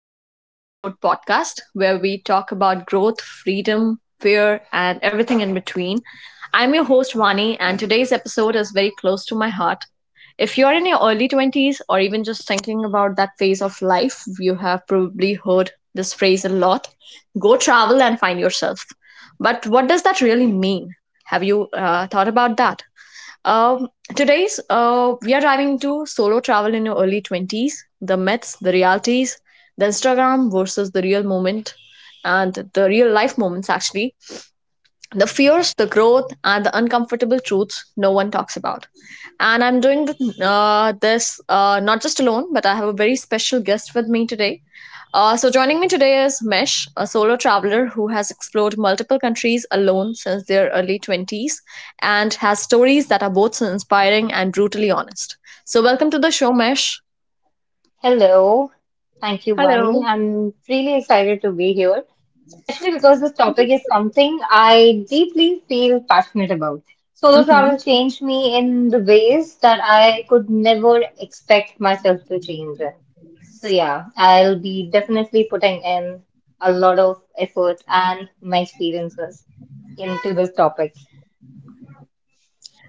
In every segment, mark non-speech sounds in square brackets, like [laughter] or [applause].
to the Open Road podcast, where we talk about growth, freedom, fear, and everything in between. I'm your host, Vani, and today's episode is very close to my heart. If you're in your early 20s or even just thinking about that phase of life, you have probably heard this phrase a lot, go travel and find yourself. But what does that really mean? Have you thought about that? Um, today's we are diving into solo travel in your early 20s, the myths, the realities, the Instagram versus the real moment, and the real life moments actually, the fears, the growth, and the uncomfortable truths no one talks about. And I'm doing this not just alone, but I have a very special guest with me today. So, joining me today is Mesh, a solo traveler who has explored multiple countries alone since their early 20s and has stories that are both so inspiring and brutally honest. So, welcome to the show, Mesh. Hello. Thank you, Vani. Hello. I'm really excited to be here, especially because this topic is something I deeply feel passionate about. Solo travel changed me in the ways that I could never expect myself to change in. So yeah, I'll be definitely putting in a lot of effort and my experiences into this topic.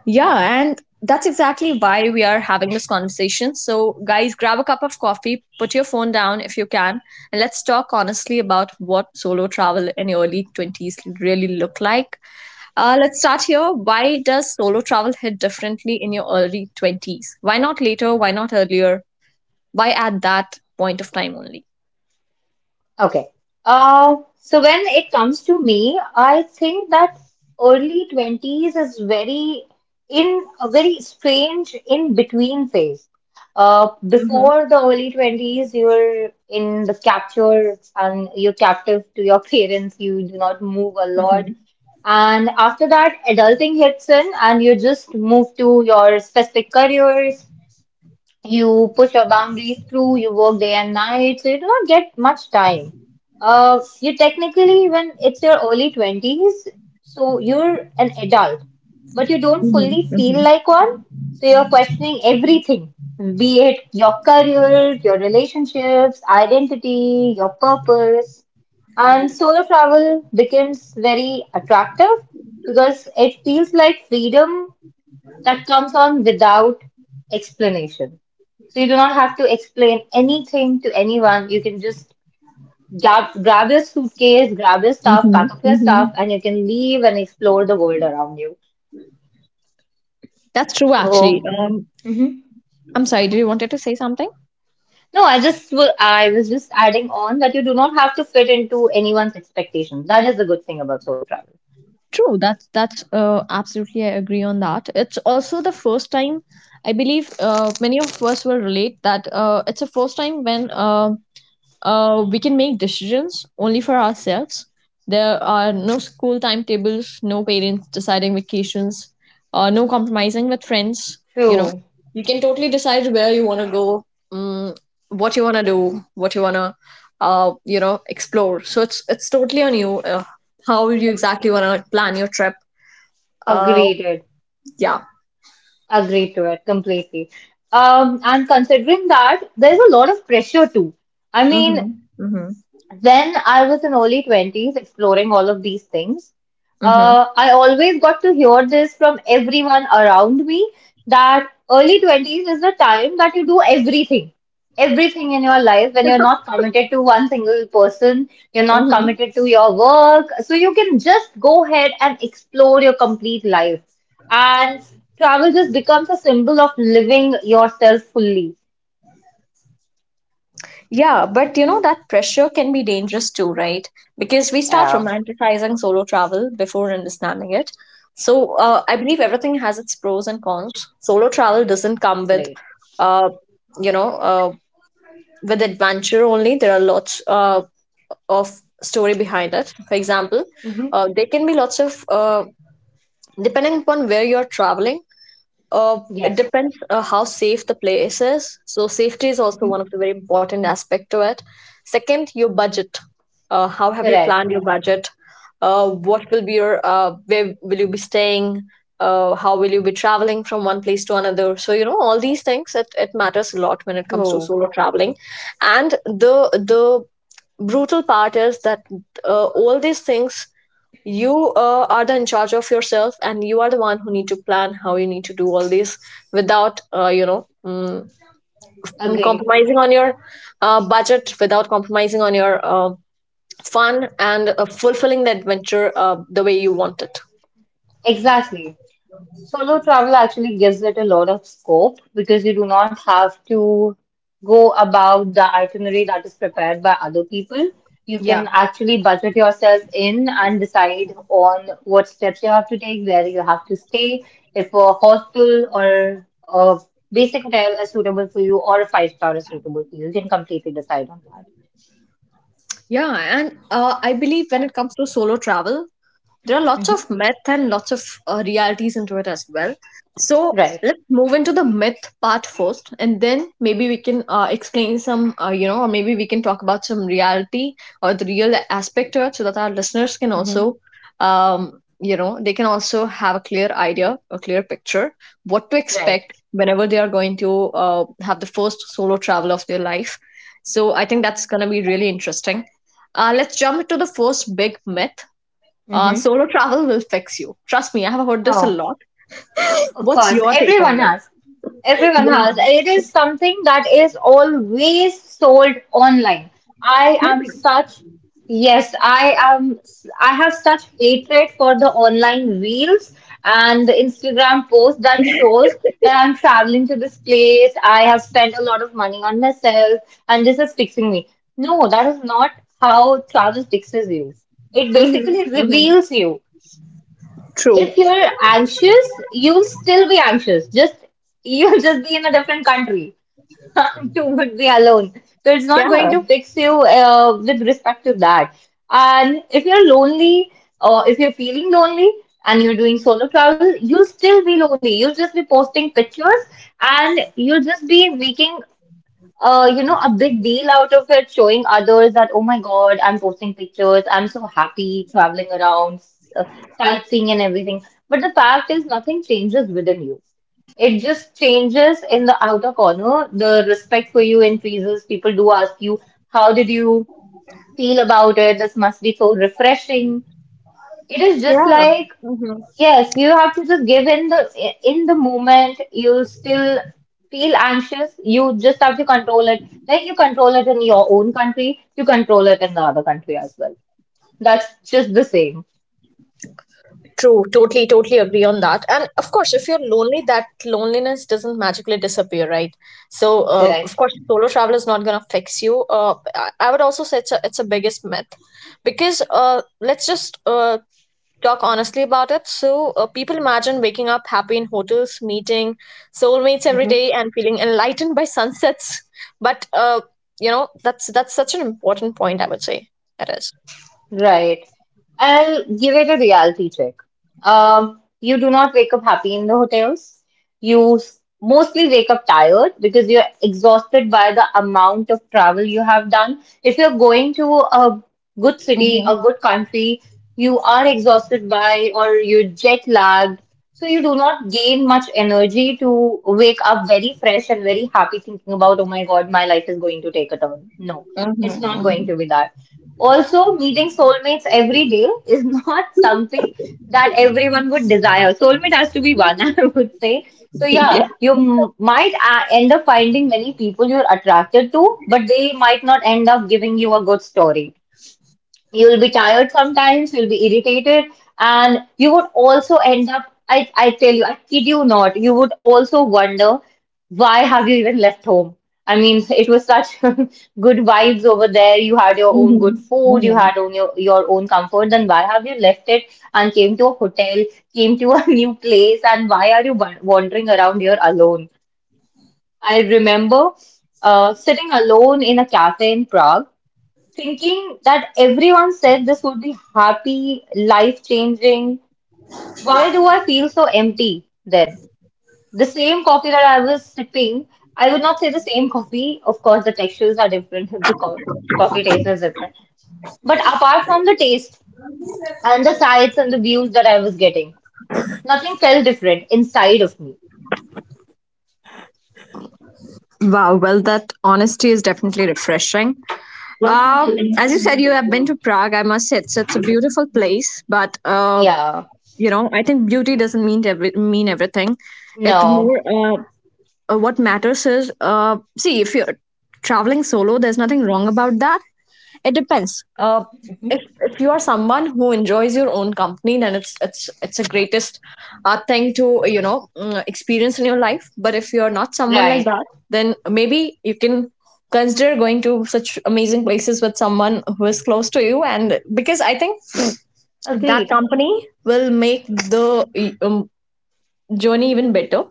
Yeah, and that's exactly why we are having this conversation. So, guys, grab a cup of coffee, put your phone down if you can, and let's talk honestly about what solo travel in your early 20s really look like. Let's start here. Why does solo travel hit differently in your early 20s? Why not later? Why not earlier? Why at that point of time only? Okay. So when it comes to me, I think that early 20s is very in a very strange in between phase. Mm-hmm, Before the early 20s, you're in the capture and you're captive to your [laughs] parents. You do not move a lot. mm-hmm, And after that, adulting hits in and you just move to your specific careers, you push your boundaries through, you work day and night, so you do not get much time. You technically, when it's your early 20s, so you're an adult, but you don't fully mm-hmm, feel mm-hmm, like one. So you're questioning everything, be it your career, your relationships, identity, your purpose. And solo travel becomes very attractive because it feels like freedom that comes on without explanation. So you do not have to explain anything to anyone. You can just grab your suitcase, grab your stuff, mm-hmm, pack up your mm-hmm. stuff, and you can leave and explore the world around you. That's true, actually. So, mhm. I'm sorry, did you wanted to say something? No, I just I was just adding on that you do not have to fit into anyone's expectations. That is the good thing about solo travel. True. That's absolutely. I agree on that. It's also the first time, I believe, many of us will relate that it's a first time when we can make decisions only for ourselves. There are no school timetables, no parents deciding vacations, no compromising with friends. You know, True. you can totally decide where you want to go, um, what you want to do, what you want to, you know, explore. So it's totally on you, how you exactly want to plan your trip. Uh, Agreed. It. yeah. Agreed to it completely. And considering that, there's a lot of pressure too. I mean, Mm-hmm. Mm-hmm. then I was in early 20s exploring all of these things. Mm-hmm. I always got to hear this from everyone around me that early 20s is the time that you do everything. Everything in your life when you're not committed to one single person, you're not Mm-hmm. committed to your work. So you can just go ahead and explore your complete life. And travel just becomes a symbol of living yourself fully. Yeah, but you know that pressure can be dangerous too, right? Because we start Yeah, romanticizing solo travel before understanding it. So, I believe everything has its pros and cons. Solo travel doesn't come with, great. uh, you know, uh, with adventure only. There are lots of story behind it. For example, Hmm. There can be lots of, depending upon where you're traveling. It Yes. depends how safe the place is. So safety is also one Hmm. of the very important aspect to it. Second, your budget. How have you Correct. planned your budget? What will be your where will you be staying? How will you be traveling from one place to another? So you know all these things. It matters a lot when it comes to True. solo traveling, and the brutal part is that all these things, you are the in charge of yourself and you are the one who need to plan how you need to do all this without, you know, Agreed. compromising on your budget, without compromising on your fun and fulfilling the adventure the way you want it. Exactly. Solo travel actually gives it a lot of scope because you do not have to go about the itinerary that is prepared by other people. You Yeah, can actually budget yourself in and decide on what steps you have to take, where you have to stay, if a hostel or a basic hotel is suitable for you or a five star is suitable for you. You can completely decide on that. yeah, and I believe when it comes to solo travel, there are lots Hmm. of myth and lots of realities into it as well. So Right. let's move into the myth part first, and then maybe we can explain some, you know, or maybe we can talk about some reality or the real aspect to it so that our listeners can Hmm. also, you know, they can also have a clear idea, a clear picture, what to Right. expect whenever they are going to have the first solo travel of their life. So I think that's going to be really interesting. Let's jump into the first big myth. Hmm. Solo travel will fix you. Trust me, I have heard this a lot. Of What's course, your take on everyone this? has. Everyone has. Yeah. It is something that is always sold online. I am Yeah. such, yes, I am, I have such hatred for the online reels and the Instagram post that shows that I'm traveling to this place. I have spent a lot of money on myself and this is fixing me. No, that is not how travel fixes you. It basically Mm-hmm. Mm-hmm. reveals you. True. If you're anxious, you'll still be anxious. Just [laughs] you'll just be in a different country [laughs] to would be alone. So it's not going Yeah. to fix you with respect to that. And if you're lonely or if you're feeling lonely and you're doing solo travel, you'll still be lonely. You'll just be posting pictures and you'll just be making you know, a big deal out of it, showing others that, oh my God, I'm posting pictures, I'm so happy traveling around, uh, sightseeing and everything. But the fact is, nothing changes within you. It just changes in the outer corner. The respect for you increases. People do ask you, how did you feel about it? This must be so refreshing. It is just Yeah. like, Mm-hmm. yes, you have to just give in the moment. You still feel anxious. You just have to control it. Like you control it in your own country, you control it in the other country as well. That's just the same, True. Totally, totally agree on that. And of course, if you're lonely, that loneliness doesn't magically disappear, right? So, of correct? course, solo travel is not going to fix you. I would also say it's a biggest myth, because let's just talk honestly about it. So, people imagine waking up happy in hotels, meeting soulmates every Mm-hmm. day, and feeling enlightened by sunsets. But, you know, that's such an important point, I would say. It is. Right. I'll give it a reality check. You do not wake up happy in the hotels. You mostly wake up tired because you're exhausted by the amount of travel you have done. If you're going to a good city, Mm-hmm. a good country, you are exhausted by or you're jet lagged. So you do not gain much energy to wake up very fresh and very happy thinking about, oh my God, my life is going to take a turn. No, it's not going Mm-hmm. to be that. Also, meeting soulmates every day is [laughs] not something that everyone would desire. Soulmate has to be one, [laughs] I would say. So, yeah, Yeah. you might end up finding many people you're attracted to, but they might not end up giving you a good story. You'll be tired, sometimes you'll be irritated, and you would also end up, I tell you, I kid you not, you would also wonder why have you even left home. I mean [laughs] it was such [laughs] good vibes over there, you had your own Mm-hmm. good food, you Mm-hmm. had your own comfort, then why have you left it and came to a hotel, came to a [laughs] new place, and why are you wandering around here alone. I remember sitting alone in a cafe in Prague, thinking that everyone said this would be happy, life changing. Why do I feel so empty then? The same coffee that I was sipping, I would not say the same coffee. Of course, the textures are different, [laughs] the coffee taste is different. But apart from the taste and the sights and the views that I was getting, nothing felt different inside of me. Wow, well, that honesty is definitely refreshing. Uh, as you said, you have been to Prague. I must say, it's a beautiful place, but, Yeah, you know, I think beauty doesn't mean everything. It no, more What matters is, see, if you're traveling solo there's nothing wrong about that. It depends, mm-hmm. If you are someone who enjoys your own company, then it's the greatest thing to, you know, experience in your life. But if you're not someone like Right, that, then maybe you can consider going to such amazing places with someone who is close to you, and because I think that agreed. company will make the, um, journey even better.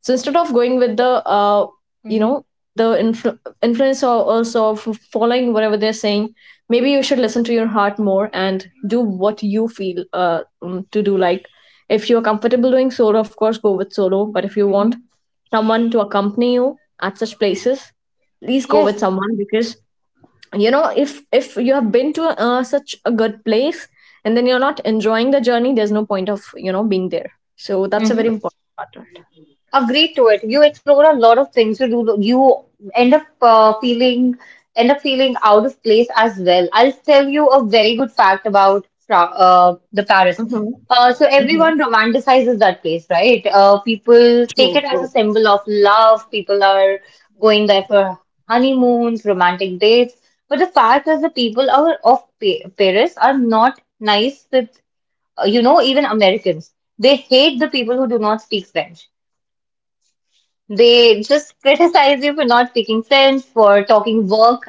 So instead of going with the, you Hmm. know, the influence or also of following whatever they're saying, maybe you should listen to your heart more and do what you feel to do. Like if you're comfortable doing solo, of course, go with solo. But if you Hmm. want someone to accompany you at such places, please go with Yes. someone, because you know, if you have been to such a good place and then you're not enjoying the journey, there's no point of, you know, being there. So that's a very important part of it. Agree to it. You explore a lot of things. You do. You end up feeling, end up feeling out of place as well. I'll tell you a very good fact about the Paris. Mm-hmm. So Mm-hmm. everyone romanticizes that place, right? People take True, it as a true. symbol of love. People are going there for honeymoons, romantic dates. But the fact is, of Paris are not nice with, you know, even Americans. They hate the people who do not speak French. They just criticize you for not speaking French, for talking work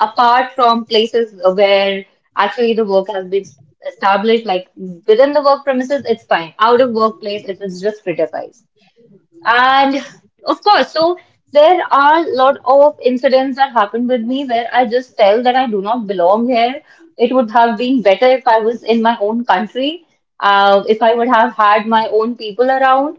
apart from places where actually the work has been established. Like within the work premises, it's fine. Out of workplace, it is just criticized. And of course, so there are a lot of incidents that happened with me where I just felt that I do not belong here. It would have been better if I was in my own country, if I would have had my own people around.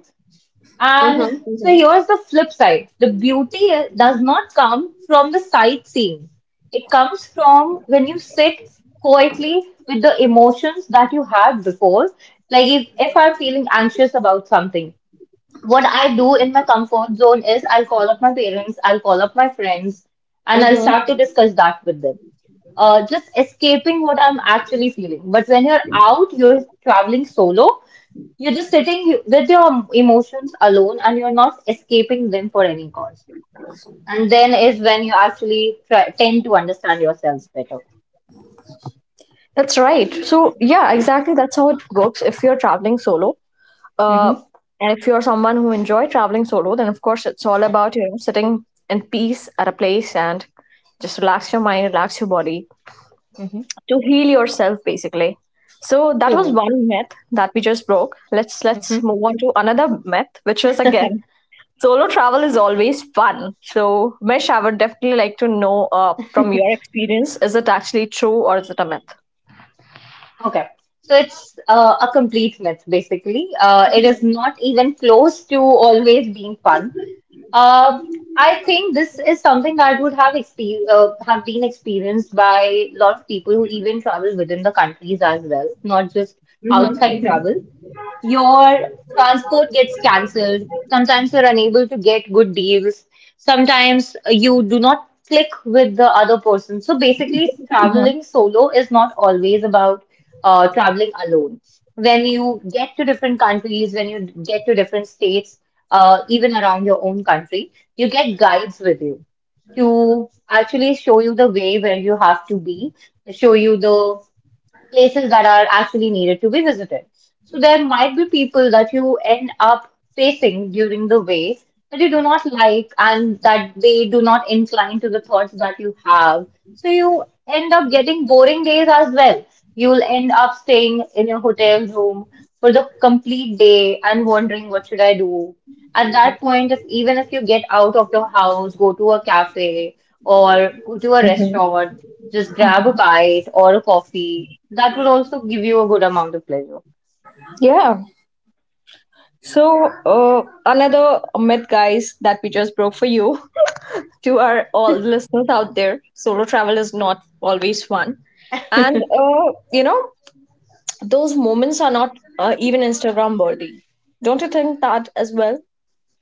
And Mm-hmm. so here's the flip side. The beauty does not come from the sightseeing. It comes from when you sit quietly with the emotions that you had before. Like if I'm feeling anxious about something, what I do in my comfort zone is I'll call up my parents, I'll call up my friends, and I'll Mm-hmm. start to discuss that with them. Just escaping what I'm actually feeling. But when you're out, you're traveling solo, you're just sitting with your emotions alone and you're not escaping them for any cause. And then is when you actually tend to understand yourselves better. That's right. So yeah, exactly, that's how it works. If you're traveling solo, uh Mm-hmm. and if you're someone who enjoy traveling solo, then of course it's all about, you know, sitting in peace at a place and just relax your mind, relax your body, Mm-hmm. to heal yourself basically. So that was True. one myth that we just broke. Let's Mm-hmm. move on to another myth, which was again, solo travel is always fun. So Mesh, I would definitely like to know, from your experience, is it actually true or is it a myth? Okay. So it's a complete myth, basically. It is not even close to always being fun. Uh, I think this is something that would have exper have been experienced by a lot of people who even travel within the countries as well, not just outside travel. Your transport gets cancelled. Sometimes you're unable to get good deals. Sometimes you do not click with the other person. So basically, traveling solo is not always about traveling alone. When you get to different countries, when you get to different states, even around your own country, you get guides with you to actually show you the way where you have to be, show you the places that are actually needed to be visited. So there might be people that you end up facing during the way that you do not like and that they do not incline to the thoughts that you have. So you end up getting boring days as well. You'll end up staying in your hotel room for the complete day and wondering what should I do. At that point, if even if you get out of your house, go to a cafe or go to a Hmm. restaurant, just grab a bite or a coffee. That would also give you a good amount of pleasure. Yeah. So, uh, another myth, guys, that we just broke for you [laughs] to our all listeners out there, solo travel is not always fun. And, you know, those moments are not, even Instagram worthy. Don't you think that as well?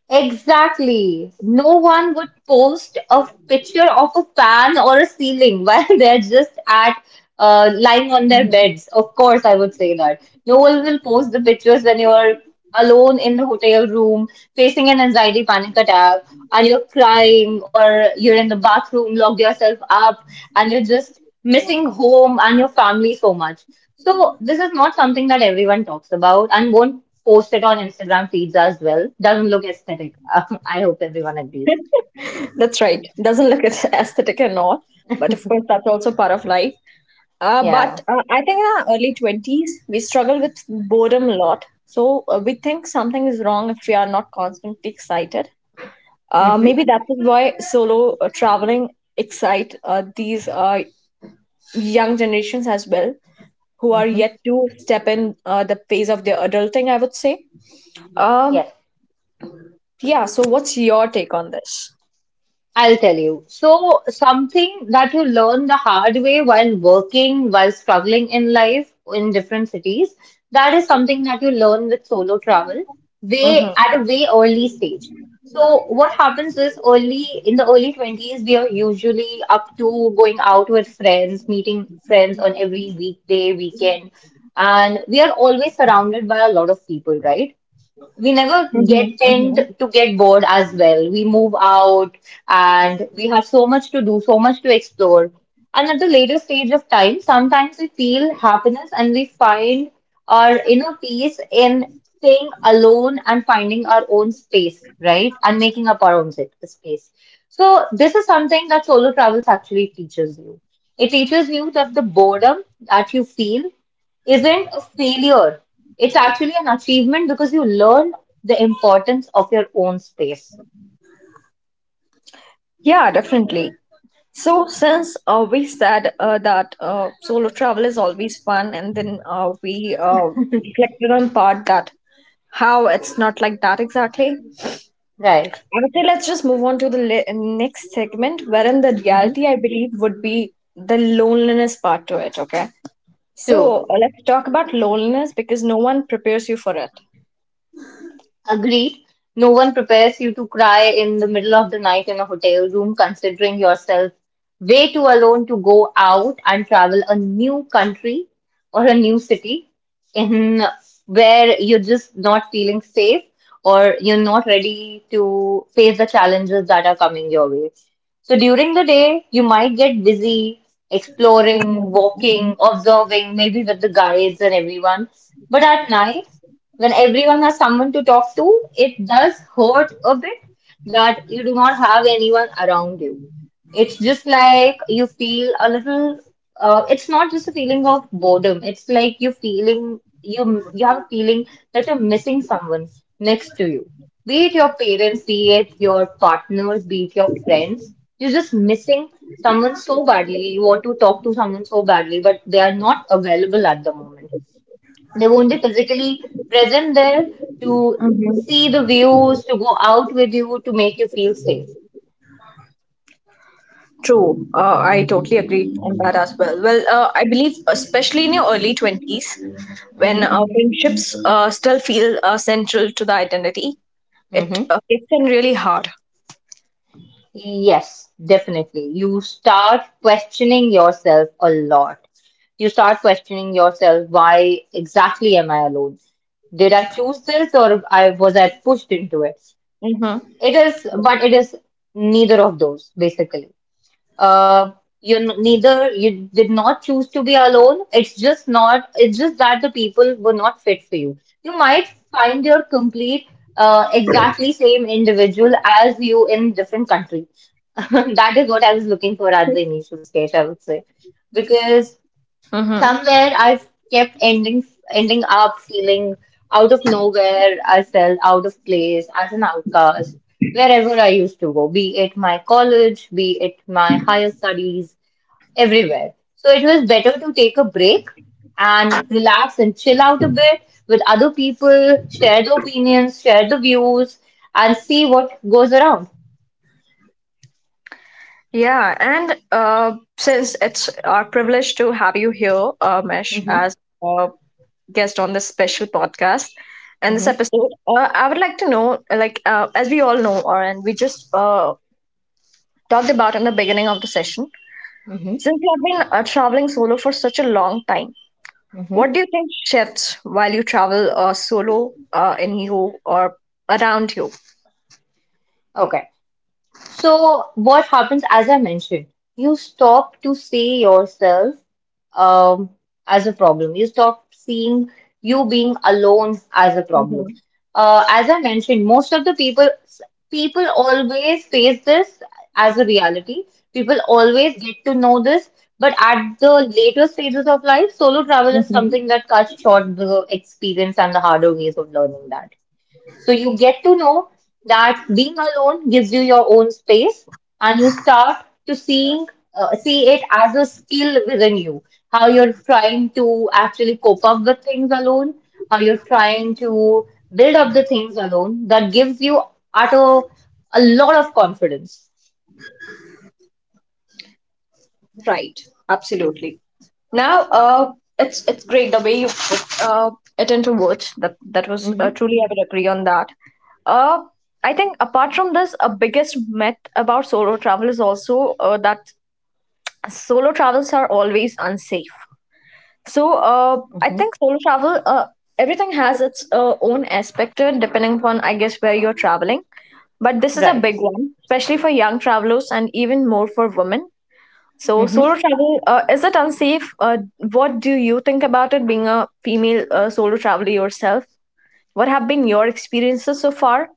Exactly. No one would post a picture of a fan or a ceiling while [laughs] they're just at lying on their Mhm. beds. Of course, I would say that. No one will post the pictures when you're alone in the hotel room, facing an anxiety panic attack, and you're crying, or you're in the bathroom, locked yourself up, and you're just missing home and your family so much. So this is not something that everyone talks about and won't post it on Instagram feeds as well. Doesn't look aesthetic. [laughs] I hope everyone agrees. That's right. Doesn't look as [laughs] aesthetic and all, but of course that's also part of life. Uh, but Yeah. uh, I think in our early 20s we struggle with boredom a lot. So, we think something is wrong if we are not constantly excited. Mm-hmm. Maybe that is why solo traveling excite these young generations as well, who are Mm-hmm. yet to step in the phase of their adulting, I would say. Um, Yes. Yeah, so what's your take on this? I'll tell you. So, something that you learn the hard way while working, while struggling in life in different cities, that is something that you learn with solo travel way Mm-hmm, at a way early stage. So, what happens is early in the early 20s, we are usually up to going out with friends, meeting friends on every weekday, weekend, and we are always surrounded by a lot of people, right? We never get mm-hmm, tend mm-hmm. to get bored as well. We move out and we have so much to do, so much to explore. And at the later stage of time, sometimes we feel happiness and we find our inner peace in staying alone and finding our own space, right? And making up our own space. So this is something that solo travels actually teaches you. It teaches you that the boredom that you feel isn't a failure. It's actually an achievement because you learn the importance of your own space. Yeah, definitely. So, since we said that, solo travel is always fun, and then we reflected on part that how it's not like that exactly. I Right. would say let's just move on to the next segment, wherein the Mm-hmm. reality, I believe, would be the loneliness part to it. Okay, so let's talk about loneliness, because no one prepares you for it. Agreed. No one prepares you to cry in the middle of the night in a hotel room, considering yourself way too alone to go out and travel a new country or a new city in where you're just not feeling safe or you're not ready to face the challenges that are coming your way. So during the day, you might get busy exploring, walking, observing, maybe with the guides and everyone. But at night, when everyone has someone to talk to, it does hurt a bit that you do not have anyone around you. It's just like you feel a little, it's not just a feeling of boredom. It's like you have a feeling that you're missing someone next to you. Be it your parents, be it your partners, be it your friends. You're just missing someone so badly. You want to talk to someone so badly, but they are not available at the moment. They won't be physically present there to Mhm. see the views, to go out with you, to make you feel safe. True, I totally agree on that as well. Well, I believe, especially in your early 20s, when Hmm. Friendships still feel central to the identity, it Hmm. It can really hard. Yes, definitely. You start questioning yourself a lot. You start questioning yourself, why exactly am I alone? Did I choose this or I was I pushed into it? Mm-hmm. It is, but it is neither of those, basically. Uh, you n- neither you did not choose to be alone. It's just not. It's just that the people were not fit for you. You might find your complete, exactly same individual as you in different country. [laughs] That is what I was looking for at the initial stage, I would say, because Mm-hmm. somewhere I've kept ending up feeling out of nowhere, I felt out of place as an outcast wherever I used to go, be it my college, be it my higher studies, everywhere. So it was better to take a break and relax and chill out a bit with other people, share the opinions, share the views, and see what goes around. Yeah, and since it's our privilege to have you here, Mesh, Hmm. as a guest on this special podcast and this Hmm. episode, I would like to know, like, as we all know, or and we just talked about in the beginning of the session, Hmm. since you have been traveling solo for such a long time, Hmm. what do you think shifts while you travel solo in you or around you? Okay. So, what happens, as I mentioned, you stop to see yourself um, as a problem. You stop seeing you being alone as a problem. Mhm, As I mentioned, most of the people always face this as a reality. People always get to know this, but at the later stages of life, solo travel is mhm. something that cuts short the experience and the harder ways of learning that. So you get to know that being alone gives you your own space and you start to see it as a skill within you. How you're trying to actually cope up with things alone, how you're trying to build up the things alone that gives you at a, a lot of confidence. Right, absolutely. Now, it's great the way you put it into words. That was, Mm-hmm. truly I would agree on that. Uh, I think apart from this, a biggest myth about solo travel is also that solo travels are always unsafe. So, I Mm-hmm. think solo travel, everything has its own aspect to it, depending upon, I guess, where you're traveling. But this is a Right. big one, especially for young travelers and even more for women. So Mm-hmm. solo travel, is it unsafe? What do you think about it, being a female solo traveler yourself? What have been your experiences so far?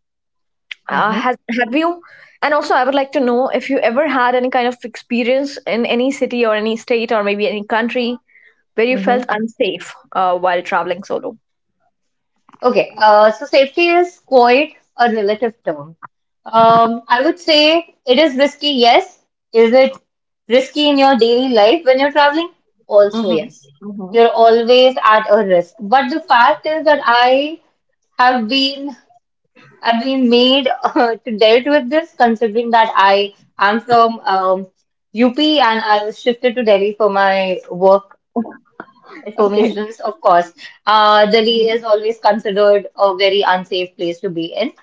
Mm-hmm. Has Have you? And also, I would like to know if you ever had any kind of experience in any city or any state or maybe any country where you felt Mm-hmm. unsafe while traveling solo? Okay, so safety is quite a relative term. I would say it is risky, yes. Is it risky in your daily life when you're traveling? Also, Mm-hmm. yes. Mm-hmm. You're always at a risk. But the fact is that have been I've been made [laughs] to dealt with this, considering that I am from UP and I was shifted to Delhi for my work Okay. Informations, of course. Delhi Mm-hmm. is always considered a very unsafe place to be in.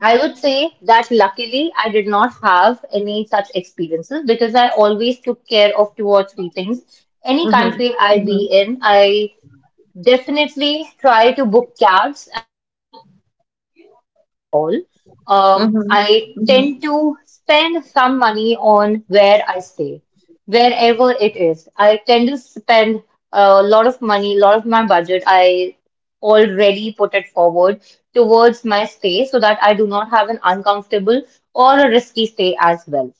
I would say that luckily I did not have any such experiences because I always took care of two or three things. Any Mm-hmm. country I be in, I definitely try to book cabs and not take local rides at all. Mm-hmm. I Mm-hmm. tend to spend some money on where I stay, wherever it is. I tend to spend a lot of money, a lot of my budget. I already put it forward towards my stay so that I do not have an uncomfortable or a risky stay as well.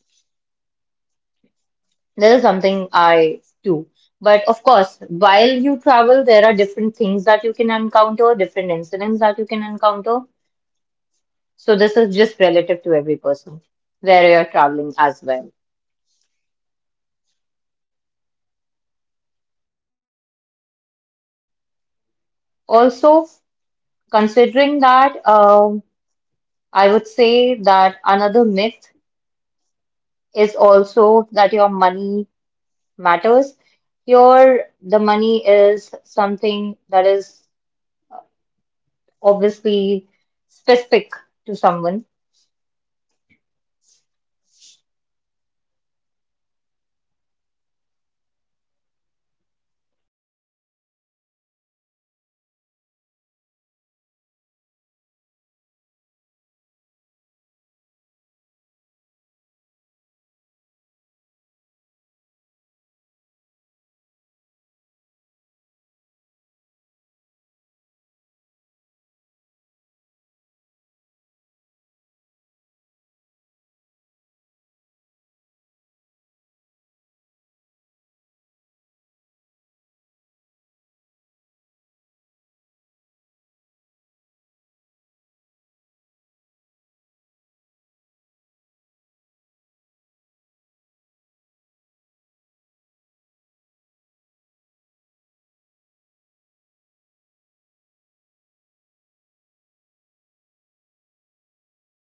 This is something I do. But of course, while you travel, there are different things that you can encounter, different incidents that you can encounter. So this is just relative to every person where you're traveling as well. Also, considering that, I would say that another myth is also that your money matters. Your the money is something that is mummy net obviously के साथ छेड़ specific क्या to someone